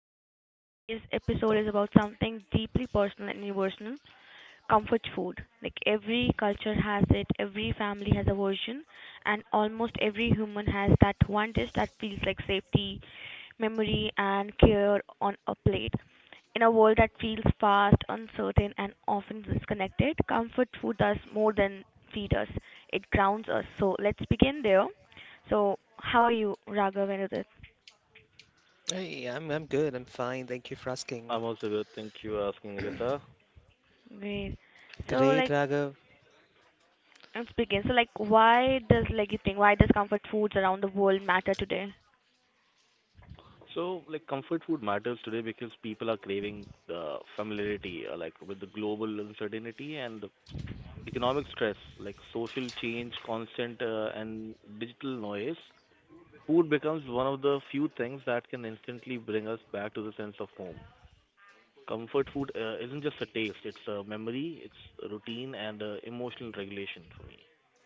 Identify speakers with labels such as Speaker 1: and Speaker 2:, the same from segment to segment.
Speaker 1: and today's episode is about something deeply personal and universal: comfort food. Like every culture has it, every family has a version, and almost every human has that one dish that feels like safety, memory, and care on a plate. In a world that feels fast, uncertain, and often disconnected, comfort food does more than feed us. It grounds us. So let's begin there. So, how are you, Raghav and Udit?
Speaker 2: Hey, I'm good. I'm fine. Thank you for
Speaker 3: I'm
Speaker 2: asking.
Speaker 3: also good. Thank you for asking, Nikita.
Speaker 1: Great. So
Speaker 2: Great,
Speaker 1: like,
Speaker 2: Raghav.
Speaker 1: let's begin. So like, why does like, you think, why does comfort foods around the world matter today?
Speaker 3: Comfort food matters today because people are craving the familiarity, with the global uncertainty and the economic stress, like social change, constant and digital noise. Food becomes one of the few things that can instantly bring us back to the sense of home. Comfort food isn't just a taste; it's a memory, it's a routine, and emotional regulation for me.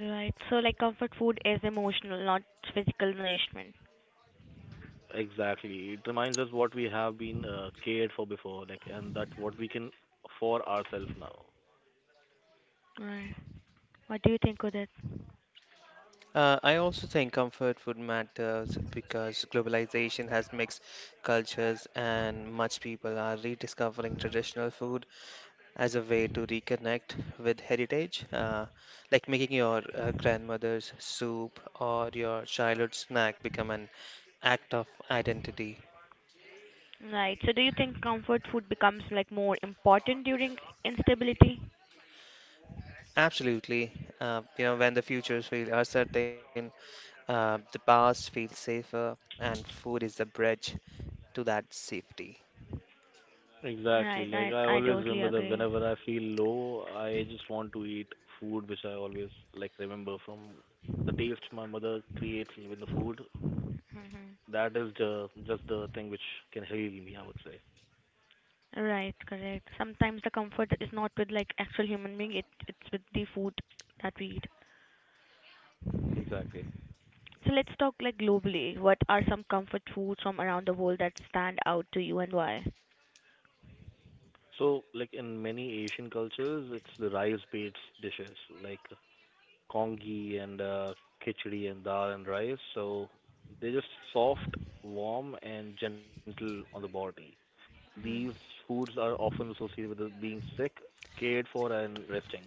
Speaker 1: Right. So like, comfort food is emotional, not physical nourishment.
Speaker 3: Exactly. It reminds us what we have been cared for before, like, and that what we can for ourselves now.
Speaker 1: Right. What do you think of that?
Speaker 2: I also think comfort food matters because globalization has mixed cultures and much people are rediscovering traditional food as a way to reconnect with heritage, like making your grandmother's soup or your childhood snack become an act of identity.
Speaker 1: Right. So do you think comfort food becomes like more important during instability?
Speaker 2: Absolutely. You know, when the futures feel uncertain, the bars feel safer, and food is the bridge to that safety.
Speaker 3: Exactly.
Speaker 1: Right.
Speaker 3: Like
Speaker 1: I
Speaker 3: I
Speaker 1: I
Speaker 3: always
Speaker 1: totally
Speaker 3: remember that
Speaker 1: agree.
Speaker 3: whenever I feel low, I just want to eat food which I always like remember from the taste my mother creates with the food.
Speaker 1: Hmm.
Speaker 3: That is the just the thing which can heal me, I would say.
Speaker 1: Right. Correct. Sometimes the comfort is not with like actual human being. It's with the food that we eat.
Speaker 3: Exactly.
Speaker 1: So let's talk like globally. What are some comfort foods from around the world that stand out to you and why?
Speaker 3: So, like in many Asian cultures, it's the rice-based dishes like congee and khichdi and dal and rice. So they're just soft, warm, and gentle on the body. These
Speaker 1: Mm-hmm.
Speaker 3: foods are often associated with being sick, cared for, and resting.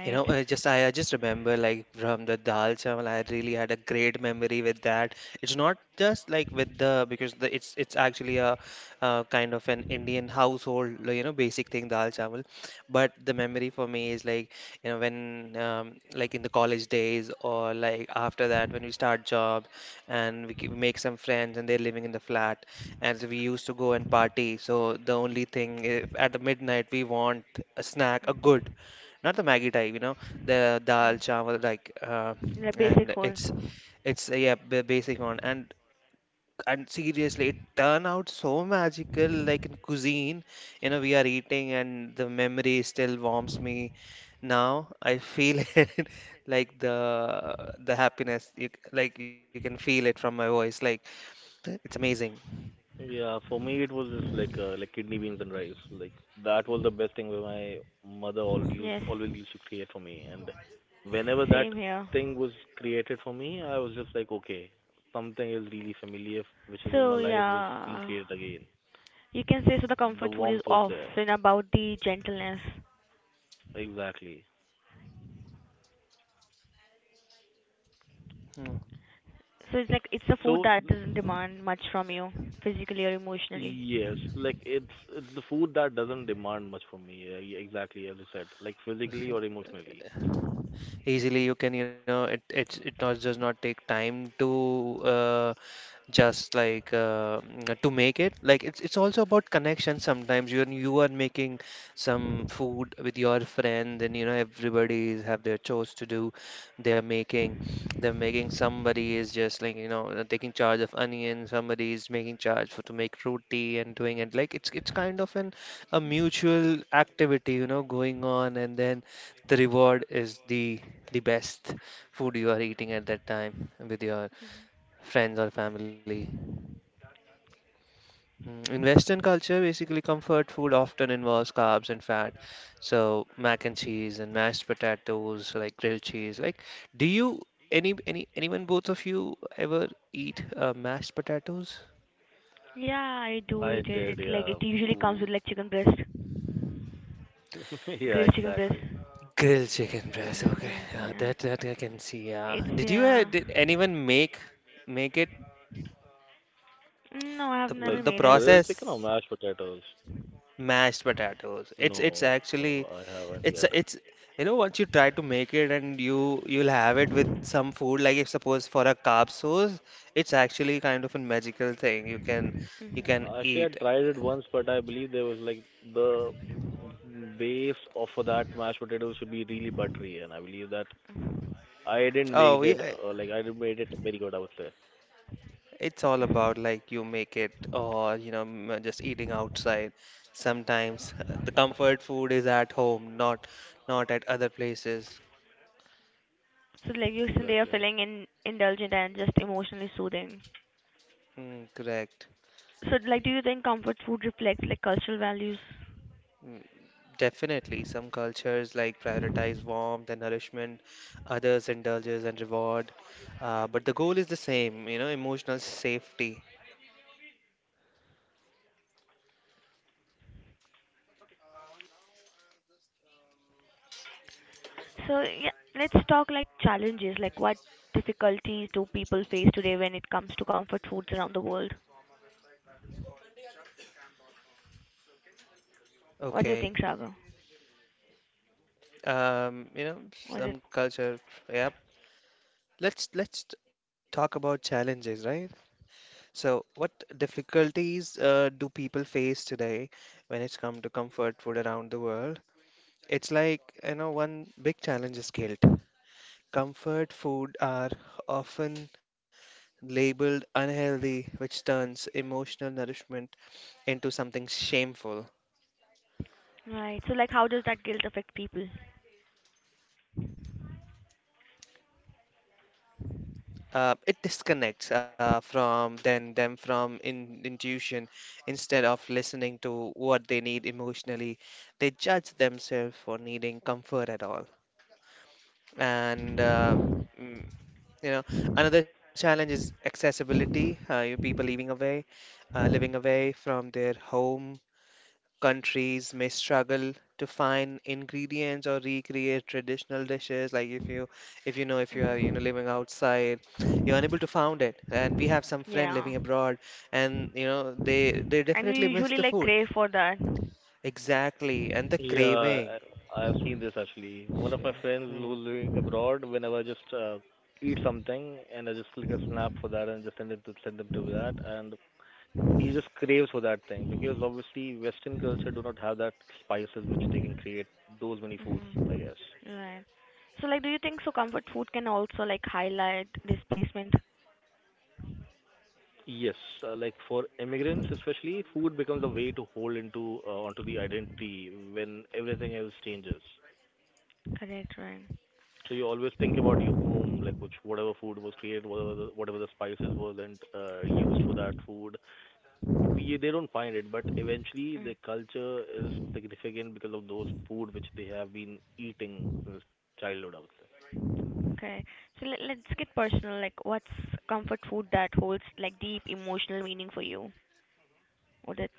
Speaker 2: You know, I just remember like from the dal chawal, I really had a great memory with that. It's not just like with the because the it's actually a kind of an Indian household, you know, basic thing dal chawal. But the memory for me is like you know when like in the college days or like after that when we start job and we make some friends and they're living in the flat and so we used to go and party. So the only thing if at the midnight we want a snack, a
Speaker 1: Mm-hmm.
Speaker 2: good, not the Maggie type, you know, the dal
Speaker 1: Mm.
Speaker 2: chawal like,
Speaker 1: The basic
Speaker 2: and it's
Speaker 1: food.
Speaker 2: it's uh, yeah, the basic one. And seriously, it turned out so magical. Like in cuisine, you know, we are eating, and the memory still warms me. Now I feel it, like the happiness. Like you can feel it from my voice. Like it's amazing.
Speaker 3: Yeah, for me it was just like kidney beans and rice. Like that was the best thing where my mother
Speaker 1: Yes.
Speaker 3: always used to create for me. And whenever that
Speaker 1: Same here.
Speaker 3: thing was created for me, I was just like, okay, something is really familiar, which is in my
Speaker 1: So
Speaker 3: life, is being
Speaker 1: yeah,
Speaker 3: created again.
Speaker 1: you can say so. The
Speaker 3: The
Speaker 1: comfort food is
Speaker 3: warmth was there,
Speaker 1: often about the gentleness.
Speaker 3: exactly.
Speaker 2: Mm.
Speaker 1: So it's like it's a food
Speaker 3: So
Speaker 1: that doesn't demand much from you, physically or emotionally.
Speaker 3: yes, like it's the food that doesn't demand much from me. Yeah, exactly, as I said, like physically or emotionally.
Speaker 2: Easily you can, you know, it not, does not take time to. To make it, like it's also about connection. Sometimes you are making some food with your friend and you know everybody have their chores to do. They're making they're making somebody is just like you know taking charge of onion, somebody is making charge for to make roti and doing it. Like it's kind of an a mutual activity, you know, going on, and then the reward is the best food you are eating at that time with your friends or family. Mm. In Western culture, basically comfort food often involves carbs and fat. So mac and cheese and mashed potatoes, like grilled cheese. Like, do you anyone, both of you, ever eat mashed potatoes?
Speaker 1: Yeah, I do
Speaker 3: I
Speaker 1: eat it.
Speaker 3: did,
Speaker 1: It's like
Speaker 3: yeah.
Speaker 1: it usually comes
Speaker 3: Ooh.
Speaker 1: with like
Speaker 3: Yeah,
Speaker 1: grilled
Speaker 3: exactly,
Speaker 1: chicken breast.
Speaker 2: Grilled chicken breast. Okay,
Speaker 1: Mm,
Speaker 2: yeah,
Speaker 1: yeah,
Speaker 2: that that I can see.
Speaker 1: it's,
Speaker 2: Yeah. Did you
Speaker 1: yeah.
Speaker 2: did anyone make make it,
Speaker 1: No, I have
Speaker 3: like
Speaker 1: never
Speaker 2: the
Speaker 1: made it.
Speaker 3: grilled chicken or
Speaker 2: process,
Speaker 3: mashed potatoes.
Speaker 2: mashed potatoes? It's
Speaker 3: No,
Speaker 2: it's
Speaker 3: I
Speaker 2: actually,
Speaker 3: haven't yet.
Speaker 2: it's you know, once you try to make it and you you'll have it with some food, like if suppose for a carb source, it's actually kind of a magical thing you can
Speaker 1: Mhm.
Speaker 3: Actually, I
Speaker 2: eat.
Speaker 3: tried it once, but I believe there was like the base of that mashed potato should be really buttery, and I believe that I didn't make
Speaker 2: Oh
Speaker 3: it,
Speaker 2: yeah,
Speaker 3: like I didn't made it very good, I would say.
Speaker 2: it's all
Speaker 1: Mhm.
Speaker 2: about like you make it or you know, just eating outside. Sometimes the comfort food is at home, not not at other places.
Speaker 1: So like you said, they are
Speaker 3: Exactly.
Speaker 1: feeling indulgent and just emotionally soothing.
Speaker 2: Mm, correct.
Speaker 1: So like, do you think comfort food reflects like cultural values?
Speaker 2: Mm. Definitely, some cultures like prioritize warmth and nourishment, others indulges and rewards. But the goal is the same, you know, emotional safety.
Speaker 1: So yeah, let's talk like challenges. Like, what difficulties do people face today when it comes to comfort foods around the world? What do you
Speaker 2: Okay.
Speaker 1: think, Sagar?
Speaker 2: You know,
Speaker 1: What it
Speaker 2: some culture. Yep. Let's talk about challenges, right? So, what difficulties do people face today when it's come to comfort food around the world? It's like, you know, one big challenge is guilt. Comfort food are often labeled unhealthy, which turns emotional nourishment into something shameful.
Speaker 1: Right? So like, how does that guilt affect people?
Speaker 2: It disconnects from then them from intuition. Instead of listening to what emotionally, they judge themselves for needing comfort at all. And mm, you know, another challenge is accessibility. You People leaving away living away from their home countries may struggle to find ingredients or recreate traditional dishes. Like if you, if you know, if you are you know
Speaker 1: Hmm.
Speaker 2: living outside, you're unable to find it, and we have some friend
Speaker 1: Yeah,
Speaker 2: living abroad, and you know they
Speaker 1: and we
Speaker 2: definitely miss
Speaker 1: usually
Speaker 2: the
Speaker 1: like
Speaker 2: food.
Speaker 1: crave for that.
Speaker 2: Exactly, and the
Speaker 3: Yeah,
Speaker 2: craving.
Speaker 3: I've seen this actually. One of my
Speaker 2: Shit.
Speaker 3: friends who's
Speaker 2: Hmm.
Speaker 3: living abroad, whenever I just eat something and I just click a snap for that and just send it to send them to that, and he just craves for that thing because obviously Western culture do not have that spices which they can create those many foods, I
Speaker 1: Mhm.
Speaker 3: guess.
Speaker 1: Right. So, like, do you think so? Comfort food can also like highlight displacement.
Speaker 3: Yes, like for immigrants especially, food becomes a way to hold into onto the identity when everything else changes.
Speaker 1: Correct. Right.
Speaker 3: So you always think about your home, like which whatever food was created, whatever the spices wasn't used for that food. We they don't find it, but eventually the
Speaker 1: Mm,
Speaker 3: culture is significant because of those food which they have been eating since childhood, I would say.
Speaker 1: okay. So let's get personal. Like, what's comfort food that holds like deep emotional meaning for you? Would it?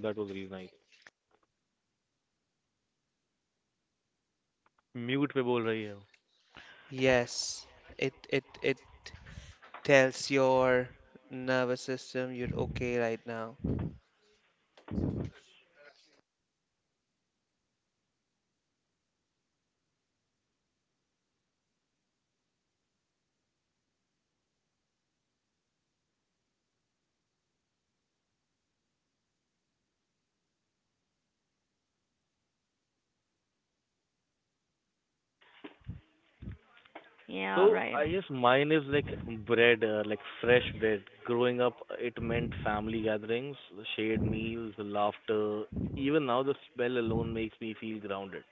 Speaker 3: That was really nice. Mute पे बोल रही है वो.
Speaker 1: Yeah.
Speaker 3: So
Speaker 1: Right.
Speaker 3: I guess mine is like bread, like fresh bread. Growing up, it meant family gatherings, shared meals, laughter. Even now, the smell alone makes me feel grounded,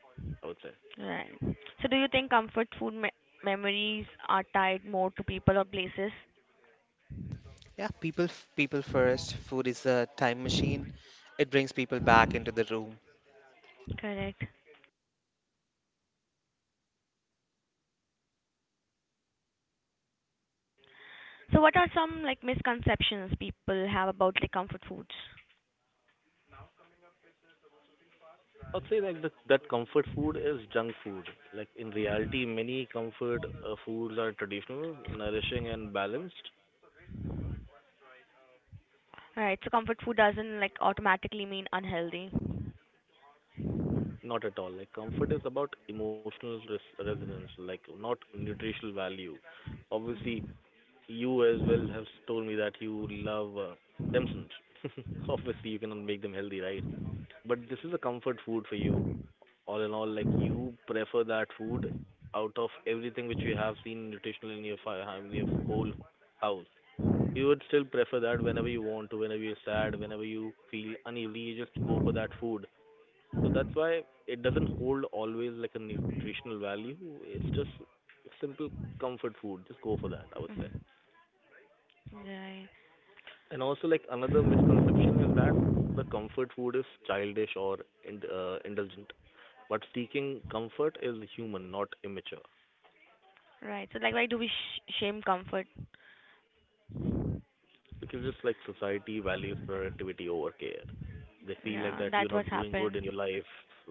Speaker 3: I would say.
Speaker 1: Right. So, do you think comfort food memories are tied more to people or places? Correct. So, what are some like misconceptions people have about like comfort foods?
Speaker 3: I'd say like that comfort food is junk food. Like in reality, many comfort foods are traditional, nourishing, and balanced.
Speaker 1: All right. So, comfort food doesn't like automatically mean unhealthy.
Speaker 3: Not at all. Like comfort is about emotional resonance, like not nutritional value. Obviously,
Speaker 1: Mhm.
Speaker 3: you as well have told me that you love Damsons. Obviously, you cannot make them healthy, right? But this is a comfort food for you. All in all, like you prefer that food out of everything which you have seen nutritional in your in your whole house. You would still prefer that whenever you want to, whenever you're sad, whenever you feel uneasy, you just go for that food. So that's why it doesn't hold always like a nutritional value. It's just simple comfort food. Just go for that, I would say.
Speaker 1: Mhm. Right.
Speaker 3: And also, like another misconception is that the comfort food is childish or indulgent. But seeking comfort is human, not immature.
Speaker 1: Right. So like, why do we shame comfort?
Speaker 3: Because just like society values productivity over care. They feel like that you're
Speaker 1: Yeah,
Speaker 3: not
Speaker 1: that's
Speaker 3: doing
Speaker 1: what
Speaker 3: good in your
Speaker 1: happened.
Speaker 3: life.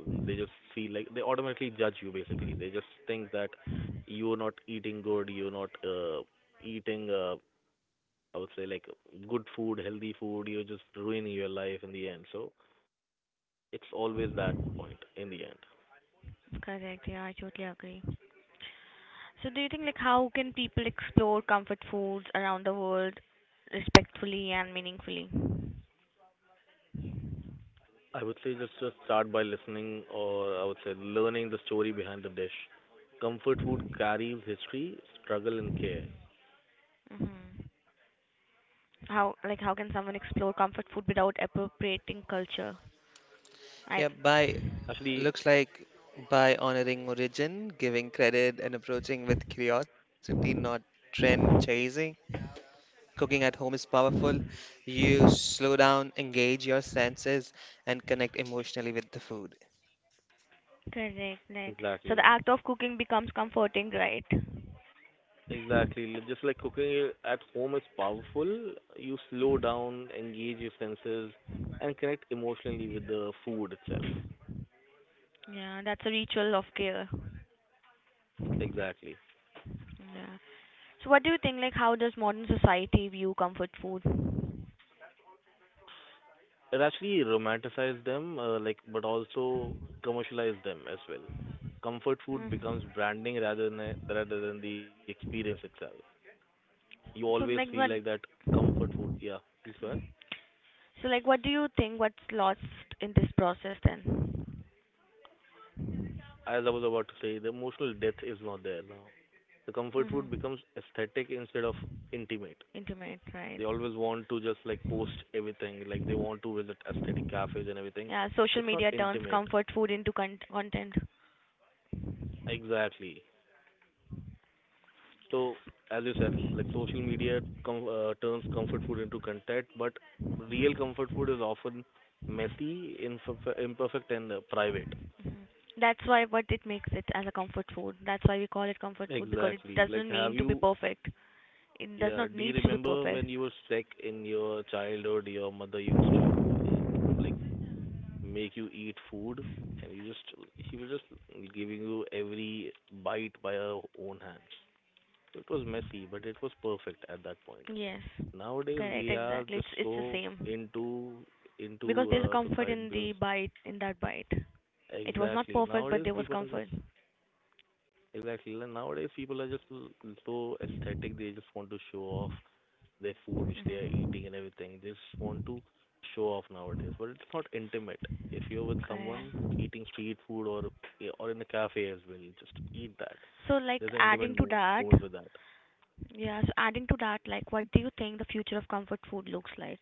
Speaker 3: They just feel like they automatically judge you basically. They just think that you're not eating good, you're not eating, I would say, like good food, healthy food, you're just ruining your life in the end. So it's always that point in the end.
Speaker 1: Correct. Yeah, I totally agree. So do you think, like, how can people explore comfort foods around the world respectfully and meaningfully?
Speaker 3: I would say just start by listening, or I would say learning the story behind the dish. Comfort food carries history, struggle and care.
Speaker 1: Hmm. How can someone explore comfort food without appropriating culture? I
Speaker 2: Yeah, by, looks
Speaker 3: Actually,
Speaker 2: like, by honoring origin, giving credit, and approaching with curiosity, not trend chasing. Cooking at home is powerful. You slow down, engage your senses, and connect emotionally with the food.
Speaker 1: Correct. Like, so the
Speaker 3: exactly.
Speaker 1: act of cooking becomes comforting, right?
Speaker 3: Exactly. Just like cooking it at home is powerful. You slow down, engage your senses, and connect emotionally with the food itself.
Speaker 1: Yeah, that's a ritual of care.
Speaker 3: Exactly.
Speaker 1: Yeah. So what do you think, like, how does modern society view comfort food?
Speaker 3: It actually romanticizes them, like, but also commercialize them as well. Comfort food
Speaker 1: Mm.
Speaker 3: becomes branding rather than rather than the experience itself. You always
Speaker 1: So like,
Speaker 3: feel
Speaker 1: what?
Speaker 3: like that comfort food. Yeah, please go ahead.
Speaker 1: Mm. So like, what do you think? What's lost in this process then?
Speaker 3: As I was about to say, the emotional depth is not there now. The comfort food
Speaker 1: Mm-hmm.
Speaker 3: becomes aesthetic instead of intimate.
Speaker 1: Intimate, right?
Speaker 3: They always want to just like post everything, like they want to visit aesthetic cafes and everything.
Speaker 1: Yeah, social
Speaker 3: It's not
Speaker 1: media turns
Speaker 3: intimate.
Speaker 1: comfort food into content.
Speaker 3: Exactly. So, as you said, like social media turns comfort food into content, but real comfort food is often messy, imperfect, and private.
Speaker 1: That's why what it makes it as a comfort food. That's why we call it comfort food because it
Speaker 3: Exactly. Like,
Speaker 1: doesn't
Speaker 3: have
Speaker 1: mean to be
Speaker 3: you.
Speaker 1: perfect. It does
Speaker 3: Yeah,
Speaker 1: not
Speaker 3: do you
Speaker 1: need to be
Speaker 3: remember
Speaker 1: perfect.
Speaker 3: when you were sick in your childhood, your mother used to like make you eat food and you just she was just giving you every bite by her own hands. It was messy, but it was perfect at that point.
Speaker 1: Yes,
Speaker 3: Nowadays
Speaker 1: correct,
Speaker 3: we are
Speaker 1: exactly. It's
Speaker 3: just
Speaker 1: it's the
Speaker 3: so
Speaker 1: same
Speaker 3: into
Speaker 1: because there's a comfort
Speaker 3: society
Speaker 1: in
Speaker 3: because
Speaker 1: the bite in that bite. It was not
Speaker 3: exactly
Speaker 1: perfect, but
Speaker 3: nowadays
Speaker 1: there was
Speaker 3: people are just
Speaker 1: comfort.
Speaker 3: exactly like nowadays people are just so aesthetic, they just want to show off their food which they are
Speaker 1: Hmm.
Speaker 3: eating and everything. They just want to show off nowadays, but it's not intimate. If you're with
Speaker 1: Okay.
Speaker 3: someone eating street food or in a cafe as well, just eat that.
Speaker 1: So, like,
Speaker 3: There's an intimate
Speaker 1: adding to
Speaker 3: moment with
Speaker 1: that,
Speaker 3: that.
Speaker 1: yeah. So adding to that, like, what do you think the future of comfort food looks like?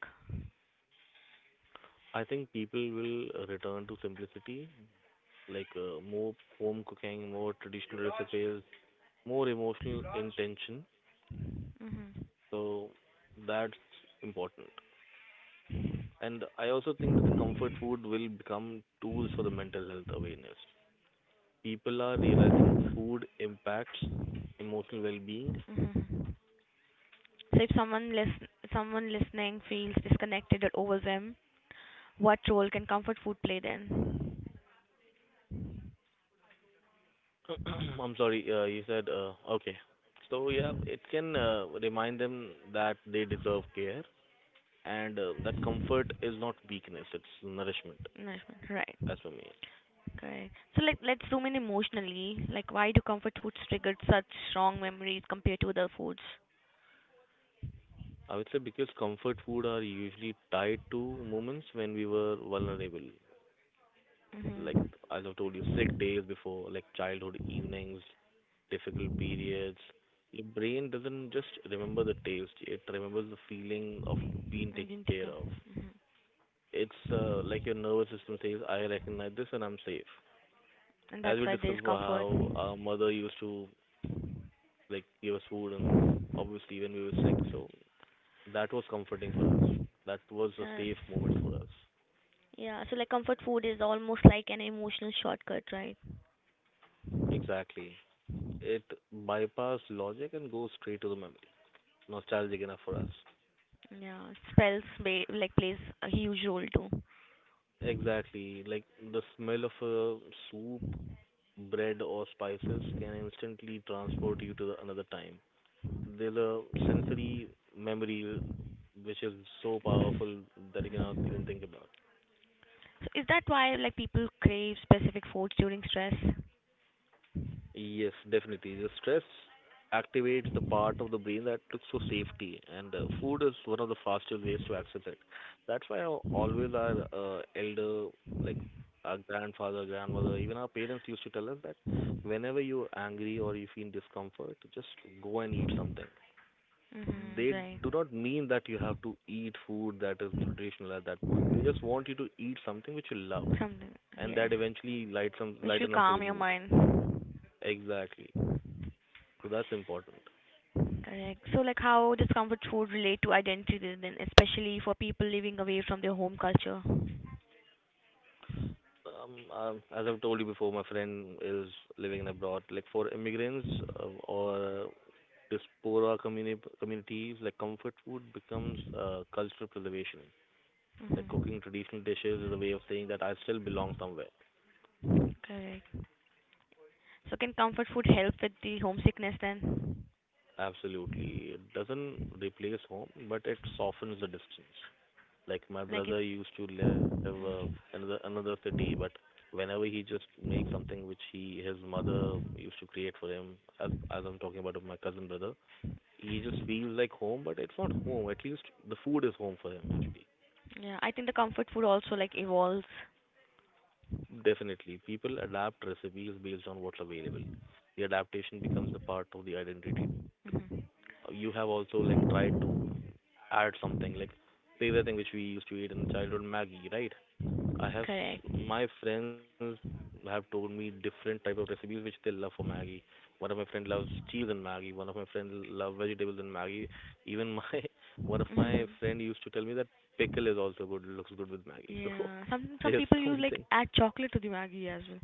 Speaker 3: I think people will return to simplicity, like more home cooking, more traditional recipes, more emotional intention.
Speaker 1: Mm-hmm.
Speaker 3: So that's important. And I also think that the comfort food will become tools for the mental health awareness. People are realizing food impacts emotional well-being.
Speaker 1: Mm-hmm. So if someone listening feels disconnected or overwhelmed, what role can comfort food play then?
Speaker 3: I'm sorry, you said okay. So yeah, it can remind them that they deserve care and that comfort is not weakness, it's nourishment,
Speaker 1: Nourishment, right?
Speaker 3: as for me.
Speaker 1: Okay. So let's zoom in emotionally. Like, why do comfort foods trigger such strong memories compared to other foods?
Speaker 3: I would say because comfort food are usually tied to moments when we were vulnerable, like
Speaker 1: Mm-hmm.
Speaker 3: as I told you, sick days before, like childhood evenings, difficult periods, your brain doesn't just remember the taste, it remembers the feeling of being taken care
Speaker 1: Bintika.
Speaker 3: of. It's like your nervous system says, I recognize this and I'm safe.
Speaker 1: And
Speaker 3: As
Speaker 1: that's
Speaker 3: we
Speaker 1: why
Speaker 3: discussed
Speaker 1: there's
Speaker 3: for
Speaker 1: comfort.
Speaker 3: how our mother used to like give us food and obviously when we were sick, so that was comforting for us. That was a
Speaker 1: Yes.
Speaker 3: safe moment for us.
Speaker 1: Yeah, so like comfort food is almost like an emotional shortcut, right?
Speaker 3: Exactly. It bypassed logic and goes straight to the memory. Nostalgic enough for us.
Speaker 1: Yeah, like plays a huge role too.
Speaker 3: Exactly. Like the smell of a soup bread or spices can instantly transport you to the another time. There's a sensory memory which is so powerful that you cannot even
Speaker 1: Mhm.
Speaker 3: think about.
Speaker 1: So is that why like people crave specific foods during stress?
Speaker 3: Yes, definitely. The stress activates the part of the brain that looks for safety, and food is one of the fastest ways to access it. That's why always our elder, like our grandfather, grandmother, even our parents used to tell us that whenever you're angry or you feel discomfort, just go and eat something.
Speaker 1: Mm-hmm,
Speaker 3: They
Speaker 1: right.
Speaker 3: do not mean that you have to eat food that is nutritional at that point. They just want you to eat something which you love,
Speaker 1: Something,
Speaker 3: and
Speaker 1: yes.
Speaker 3: that eventually lights some
Speaker 1: Which will
Speaker 3: lighten up your
Speaker 1: calm your
Speaker 3: mood.
Speaker 1: mind.
Speaker 3: Exactly. So that's important.
Speaker 1: Correct. So like, how does comfort food relate to identity then, especially for people living away from their home culture?
Speaker 3: As I've told you before, my friend is living in abroad. Like for immigrants or this poorer communities, like comfort food becomes cultural preservation. Like
Speaker 1: Mm-hmm.
Speaker 3: cooking traditional dishes is a way of saying that I still belong somewhere.
Speaker 1: Correct. So can comfort food help with the homesickness then?
Speaker 3: Absolutely. It doesn't replace home, but it softens the distance. Like my
Speaker 1: Like it,
Speaker 3: brother used to live
Speaker 1: mm,
Speaker 3: another another city, but whenever he just makes something which he his mother used to create for him, as I'm talking about of my cousin brother, he just feels like home, but it's not home. At least the food is home for him actually.
Speaker 1: yeah. I think the comfort food also like evolves.
Speaker 3: Definitely, people adapt recipes based on what's available. The adaptation becomes the part of the identity too.
Speaker 1: Hmm.
Speaker 3: You have also like tried to add something like favorite thing which we used to eat in childhood Maggie, right? I have
Speaker 1: Correct.
Speaker 3: my friends have told me different type of recipes which they love for Maggie. One of my friend loves cheese and Maggie. One of my friend love vegetables and Maggie. Even my one of my
Speaker 1: Hmm.
Speaker 3: friend used to tell me that pickle is also good, looks good with Maggie. So
Speaker 1: Yeah. Some
Speaker 3: there's
Speaker 1: people you like
Speaker 3: something.
Speaker 1: add chocolate to the Maggie as well.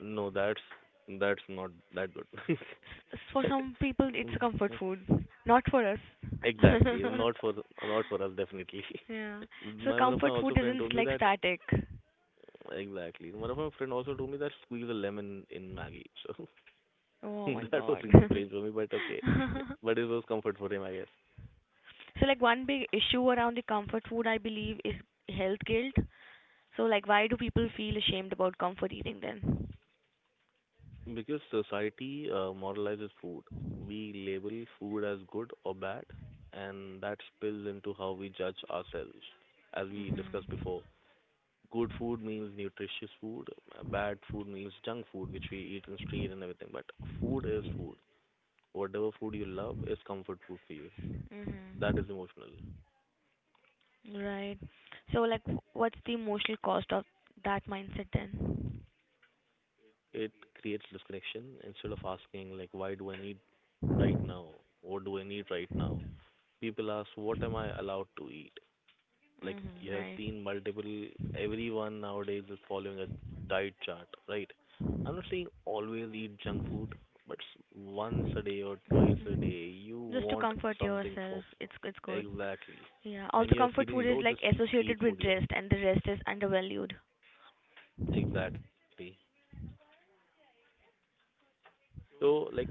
Speaker 3: No, that's not that good.
Speaker 1: S- for
Speaker 3: But,
Speaker 1: some people it's a
Speaker 3: mm,
Speaker 1: comfort
Speaker 3: mm,
Speaker 1: food, not for us.
Speaker 3: exactly, not for not for us definitely.
Speaker 1: Yeah. So
Speaker 3: My one of my
Speaker 1: comfort food
Speaker 3: also friend told
Speaker 1: isn't
Speaker 3: me
Speaker 1: like
Speaker 3: that.
Speaker 1: static.
Speaker 3: Exactly. One of my friend also told me that squeeze a lemon in Maggie. So
Speaker 1: Oh my
Speaker 3: that was
Speaker 1: god.
Speaker 3: really strange for me, but okay. But it was comfort for him, I guess.
Speaker 1: So like, one big issue around the comfort food I believe is health guilt. So like, why do people feel ashamed about comfort eating then?
Speaker 3: Because society moralizes food. We label food as good or bad, and that spills into how we judge ourselves. As we discussed
Speaker 1: Mhm.
Speaker 3: before, good food means nutritious food, bad food means junk food, which we eat in street and everything. But food is food. Whatever food you love is comfort food for you. That
Speaker 1: Mm-hmm.
Speaker 3: is emotional.
Speaker 1: Right. So, like, what's the emotional cost of that mindset then?
Speaker 3: It creates disconnection instead of asking like why do I need right now, what do I need right now. People ask what am I allowed to eat. Like you
Speaker 1: Mm-hmm.
Speaker 3: have
Speaker 1: Right.
Speaker 3: seen multiple, everyone nowadays is following a diet chart, right? I'm not saying always eat junk food, but once a day or twice a
Speaker 1: Mhm.
Speaker 3: day you
Speaker 1: Just to
Speaker 3: want
Speaker 1: comfort
Speaker 3: something for.
Speaker 1: yourself, it's good.
Speaker 3: Exactly.
Speaker 1: Yeah.
Speaker 3: When
Speaker 1: Also,
Speaker 3: you're
Speaker 1: comfort food
Speaker 3: feeling
Speaker 1: is
Speaker 3: low
Speaker 1: like
Speaker 3: just eat
Speaker 1: associated
Speaker 3: food
Speaker 1: with
Speaker 3: you.
Speaker 1: rest, and the rest is undervalued.
Speaker 3: Exactly. So like,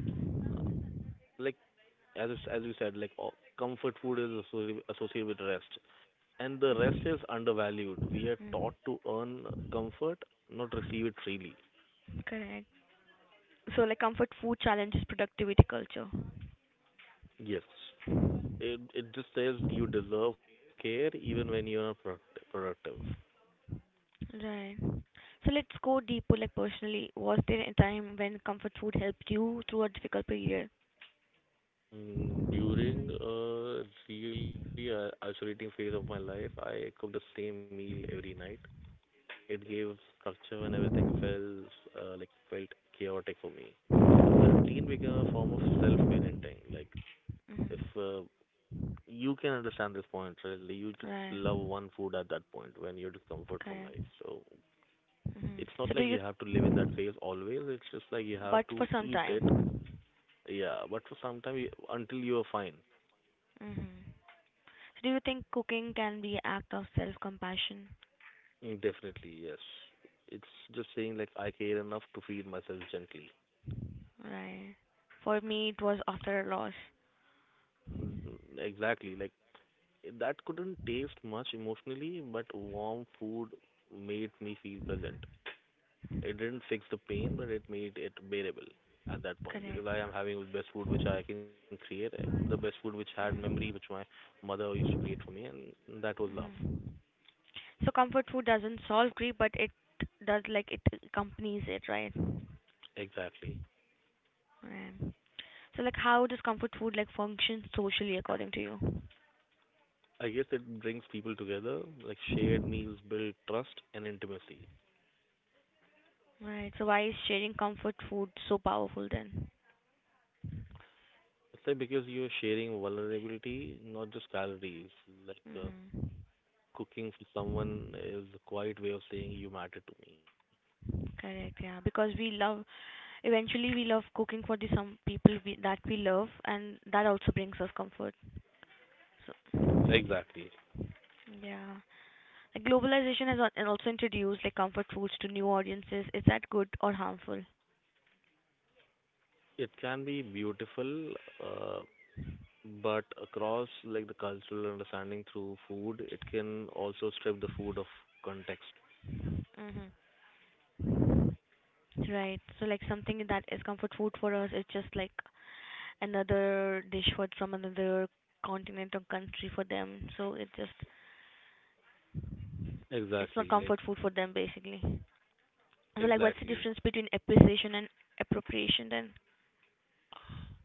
Speaker 3: uh, like as it's, as we said, like comfort food is associated with rest, and the rest
Speaker 1: Mhm.
Speaker 3: is undervalued. We are taught
Speaker 1: Mm.
Speaker 3: to earn comfort, not receive it freely.
Speaker 1: Correct. So, like, comfort food challenges productivity culture.
Speaker 3: Yes, it just says you deserve care even when you're not productive.
Speaker 1: Right. So let's go deeper. Like, personally, was there a time when comfort food helped you through a difficult period?
Speaker 3: During a really isolating phase of my life, I cooked the same meal every night. It gave structure and everything felt like felt chaotic for me. The routine became a form of self-parenting. Like
Speaker 1: Mm-hmm.
Speaker 3: if you can understand this point, right? Like, you just
Speaker 1: Right.
Speaker 3: love one food at that point when you're discomfort from
Speaker 1: Okay.
Speaker 3: life. So
Speaker 1: Mhm.
Speaker 3: it's not like you have to live in that place always. It's just like you have
Speaker 1: But for
Speaker 3: to
Speaker 1: some
Speaker 3: eat
Speaker 1: time.
Speaker 3: it. Yeah, but for some time you, until you are fine.
Speaker 1: Mhm. So do you think cooking can be act of self-compassion?
Speaker 3: Definitely, yes. It's just saying like I care enough to feed myself gently.
Speaker 1: Right. For me, it was after a loss.
Speaker 3: Exactly, like that couldn't taste much emotionally, but warm food made me feel present. It didn't fix the pain, but it made it bearable at that point because
Speaker 1: Correct.
Speaker 3: I am having the best food which I can create, the best food which had memories
Speaker 1: Mhm.
Speaker 3: which my mother used to create for me, and that was love.
Speaker 1: Mhm. So comfort food doesn't solve grief, but it does, like, it accompanies it, right?
Speaker 3: Exactly.
Speaker 1: Right. So like, how does comfort food like function socially according to you?
Speaker 3: I guess it brings people together, like shared meals build trust and intimacy.
Speaker 1: Right. So why is sharing comfort food so powerful then?
Speaker 3: It's like because you're sharing vulnerability, not just calories. Like
Speaker 1: Mhm.
Speaker 3: cooking for someone is a quiet way of saying you matter to me.
Speaker 1: Correct. Yeah. Because we love Eventually, we love cooking for the some people that we love, and that also brings us comfort. So,
Speaker 3: Exactly.
Speaker 1: yeah, like globalization has al- and also introduced like comfort foods to new audiences. Is that good or harmful?
Speaker 3: It can be beautiful, uh, but across like the cultural understanding through food, it can also strip the food of context.
Speaker 1: Hmm. Right. So like, something that is comfort food for us, it's just like another dish for from another continent or country for them. So it's not
Speaker 3: Exactly, like
Speaker 1: comfort food for them basically. So like, what's the
Speaker 3: exactly.
Speaker 1: difference between appreciation and appropriation then?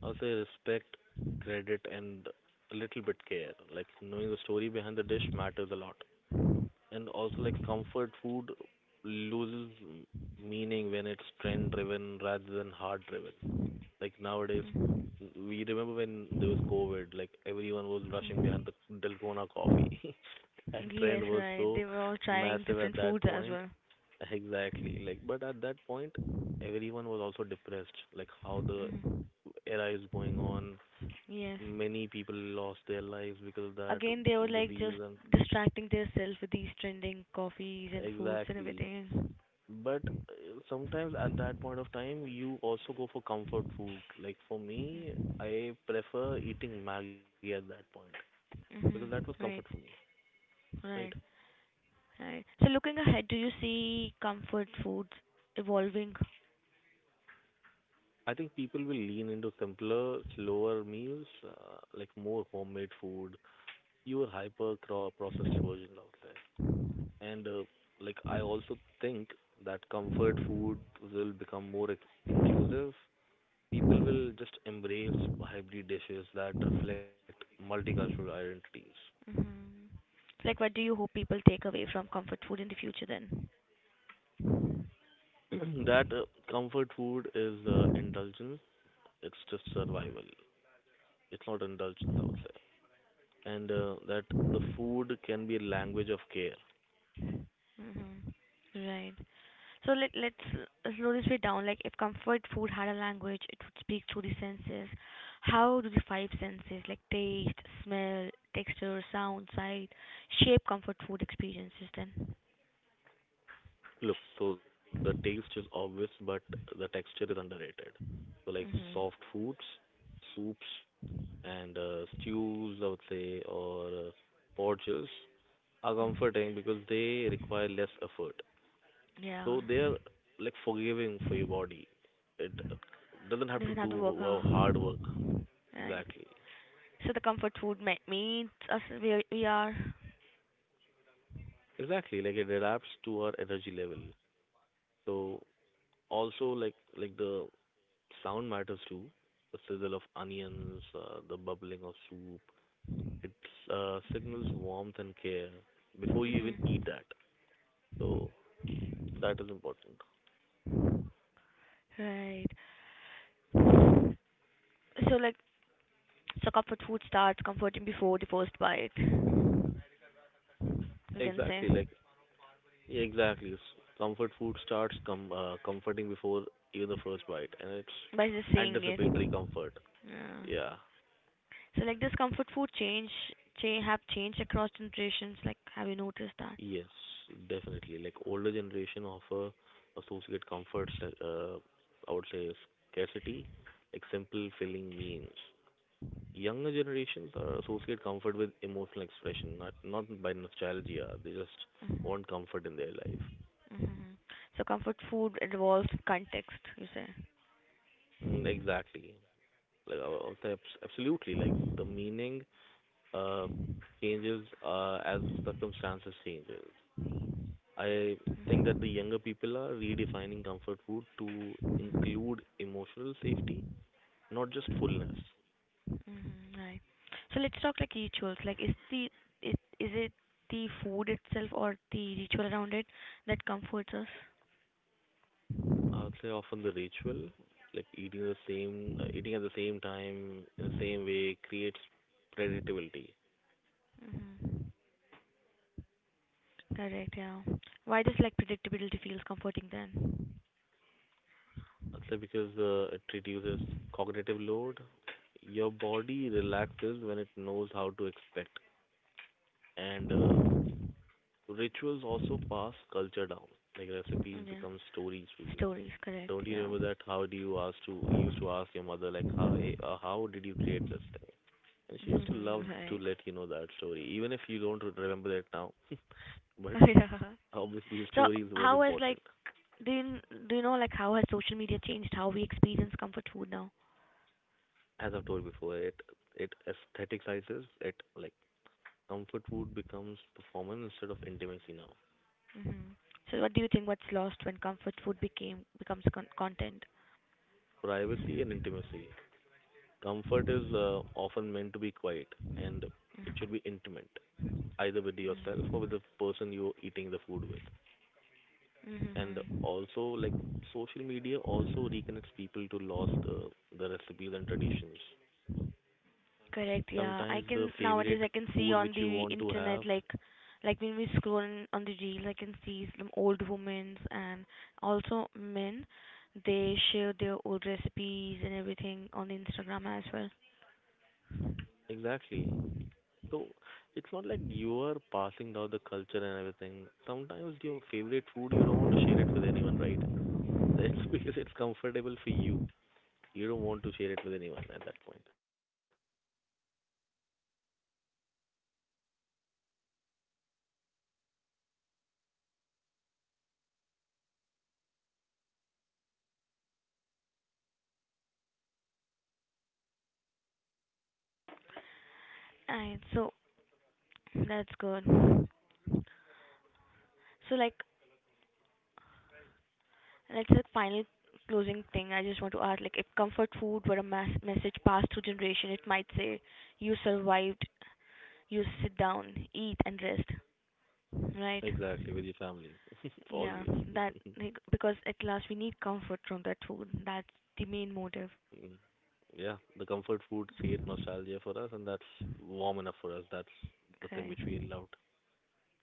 Speaker 3: I'll say respect, credit, and a little bit care. Like knowing the story behind the dish matters a lot. And also, like comfort food loses meaning when it's trend driven rather than heart driven. Like nowadays, we remember when there was COVID, like everyone was rushing behind the Dalgona coffee. That trend
Speaker 1: Yes,
Speaker 3: was
Speaker 1: right.
Speaker 3: so
Speaker 1: They were all trying
Speaker 3: massive at
Speaker 1: different
Speaker 3: that
Speaker 1: foods as
Speaker 3: point.
Speaker 1: well.
Speaker 3: Exactly. Like, but at that point, everyone was also depressed. Like how the
Speaker 1: Mhm.
Speaker 3: era is going on.
Speaker 1: Yes.
Speaker 3: Many people lost their lives because of that
Speaker 1: Again, they were like
Speaker 3: disease
Speaker 1: just
Speaker 3: and
Speaker 1: distracting themselves with these trending coffees and foods and
Speaker 3: exactly.
Speaker 1: everything.
Speaker 3: But sometimes at that point of time, you also go for comfort food. Like for me,
Speaker 1: Mm-hmm.
Speaker 3: I prefer eating Maggi at that point because that was
Speaker 1: Mm-hmm.
Speaker 3: comfort for
Speaker 1: Right.
Speaker 3: me, right?
Speaker 1: Right. Right. So looking ahead, do you see comfort foods evolving?
Speaker 3: I think people will lean into simpler, slower meals, like more homemade food, fewer hyper processed versions out there. And like I also think that comfort food will become more inclusive. People will just embrace hybrid dishes that reflect multicultural identities.
Speaker 1: Hmm. Like, what do you hope people take away from comfort food in the future then?
Speaker 3: That comfort food is indulgence. It's just survival. It's not indulgence, I would say. And that the food can be a language of care.
Speaker 1: Hmm. Right. So let's slow this way down. Like, if comfort food had a language, it would speak through the senses. How do the five senses, like taste, smell, texture, sound, sight, shape comfort food experiences then?
Speaker 3: Look, so the taste is obvious, but the texture is underrated. So like
Speaker 1: Mm-hmm.
Speaker 3: soft foods, soups, and stews, I would say, or porridges are comforting because they require less effort.
Speaker 1: Yeah.
Speaker 3: So they are like forgiving for your body. It doesn't have to do
Speaker 1: This is another work.
Speaker 3: hard work.
Speaker 1: Right.
Speaker 3: Exactly.
Speaker 1: So the comfort food meets us where we are.
Speaker 3: Exactly. Like it adapts to our energy level. So also like the sound matters too. The sizzle of onions, the bubbling of soup. It signals warmth and care before you even
Speaker 1: Mm-hmm.
Speaker 3: eat that. So that is important.
Speaker 1: Right. So, like, comfort food starts comforting before the first bite, you can say,
Speaker 3: Exactly. Like yeah, exactly. Comfort food starts comforting before even the first bite, and it's
Speaker 1: by just seeing it.
Speaker 3: anticipatory comfort.
Speaker 1: Yeah.
Speaker 3: Yeah.
Speaker 1: So like this comfort food change have changed across generations. Like, have you noticed that?
Speaker 3: Yes, definitely. Like older generation offer associate comforts, I would say scarcity, like simple filling means. Younger generations are associate comfort with emotional expression, not by nostalgia. They just
Speaker 1: Mm-hmm.
Speaker 3: want comfort in their life.
Speaker 1: Mm-hmm. So comfort food involves context. You say.
Speaker 3: Exactly. Like I would say absolutely. Like the meaning uh changes as circumstances changes. I think that the younger people are redefining comfort food to include emotional safety, not just fullness.
Speaker 1: Mm-hmm. Right. So let's talk like rituals. Like, is it the food itself or the ritual around it that comforts us?
Speaker 3: I would say often the ritual, like eating the same, eating at the same time in the same way, creates predictability.
Speaker 1: Mm-hmm. Correct. Yeah. Why does like predictability feels comforting then?
Speaker 3: I'd say because it reduces cognitive load. Your body relaxes when it knows how to expect, and rituals also pass culture down. Like recipes
Speaker 1: Yeah.
Speaker 3: become stories for you.
Speaker 1: Stories. Correct.
Speaker 3: Don't you
Speaker 1: Yeah.
Speaker 3: remember that? How do you ask to you used to ask your mother like how how did you create this thing? And she used to love to
Speaker 1: Right.
Speaker 3: let you know that story, even if you don't remember that now. But
Speaker 1: Yeah.
Speaker 3: obviously, the
Speaker 1: So
Speaker 3: stories was
Speaker 1: how has like
Speaker 3: important.
Speaker 1: Do you, do you know like how has social media changed how we experience comfort food now?
Speaker 3: As I've told before, it aestheticizes it like comfort food becomes performance instead of intimacy now.
Speaker 1: Mhm. So what do you think what's lost when comfort food became becomes content?
Speaker 3: Privacy and intimacy. Comfort is often meant to be quiet, and it should be intimate, either with yourself or
Speaker 1: Mhm.
Speaker 3: with the person you're eating the food with. And
Speaker 1: Mhm.
Speaker 3: also like social media also reconnects people to lost the recipes and traditions, sometimes
Speaker 1: Correct.
Speaker 3: the
Speaker 1: Yeah, I
Speaker 3: favorite
Speaker 1: can
Speaker 3: food
Speaker 1: nowadays I
Speaker 3: which
Speaker 1: can
Speaker 3: you
Speaker 1: see
Speaker 3: want to
Speaker 1: on the
Speaker 3: have.
Speaker 1: internet like when we scroll on the reels I can see some old women and also men, they share their old recipes and everything on Instagram as well.
Speaker 3: Exactly. So it's not like you are passing down the culture and everything. Sometimes your favorite food you don't want to share it with anyone, right? It's because it's comfortable for you, you don't want to share it with anyone at that point.
Speaker 1: And so that's good. So like like final closing thing, I just want to ask, like, if comfort food were a message passed through generation, it might say, "You survived. You sit down, eat, and rest." Right?
Speaker 3: Exactly, with your family.
Speaker 1: Yeah.
Speaker 3: Always.
Speaker 1: That, like, because at last we need comfort from that food. That's the main motive.
Speaker 3: Mm, yeah, the comfort food create nostalgia for us, and that's warm enough for us. That's the thing
Speaker 1: Okay.
Speaker 3: which we loved.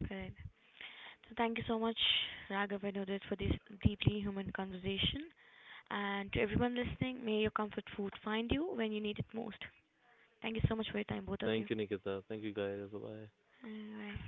Speaker 1: Correct. So thank you so much, Raghav and Udit, for this deeply human conversation. And to everyone listening, may your comfort food find you when you need it most. Thank you so much for your time, both of you.
Speaker 3: Thank you, Nikita. Thank you, guys. Bye.
Speaker 1: Alright.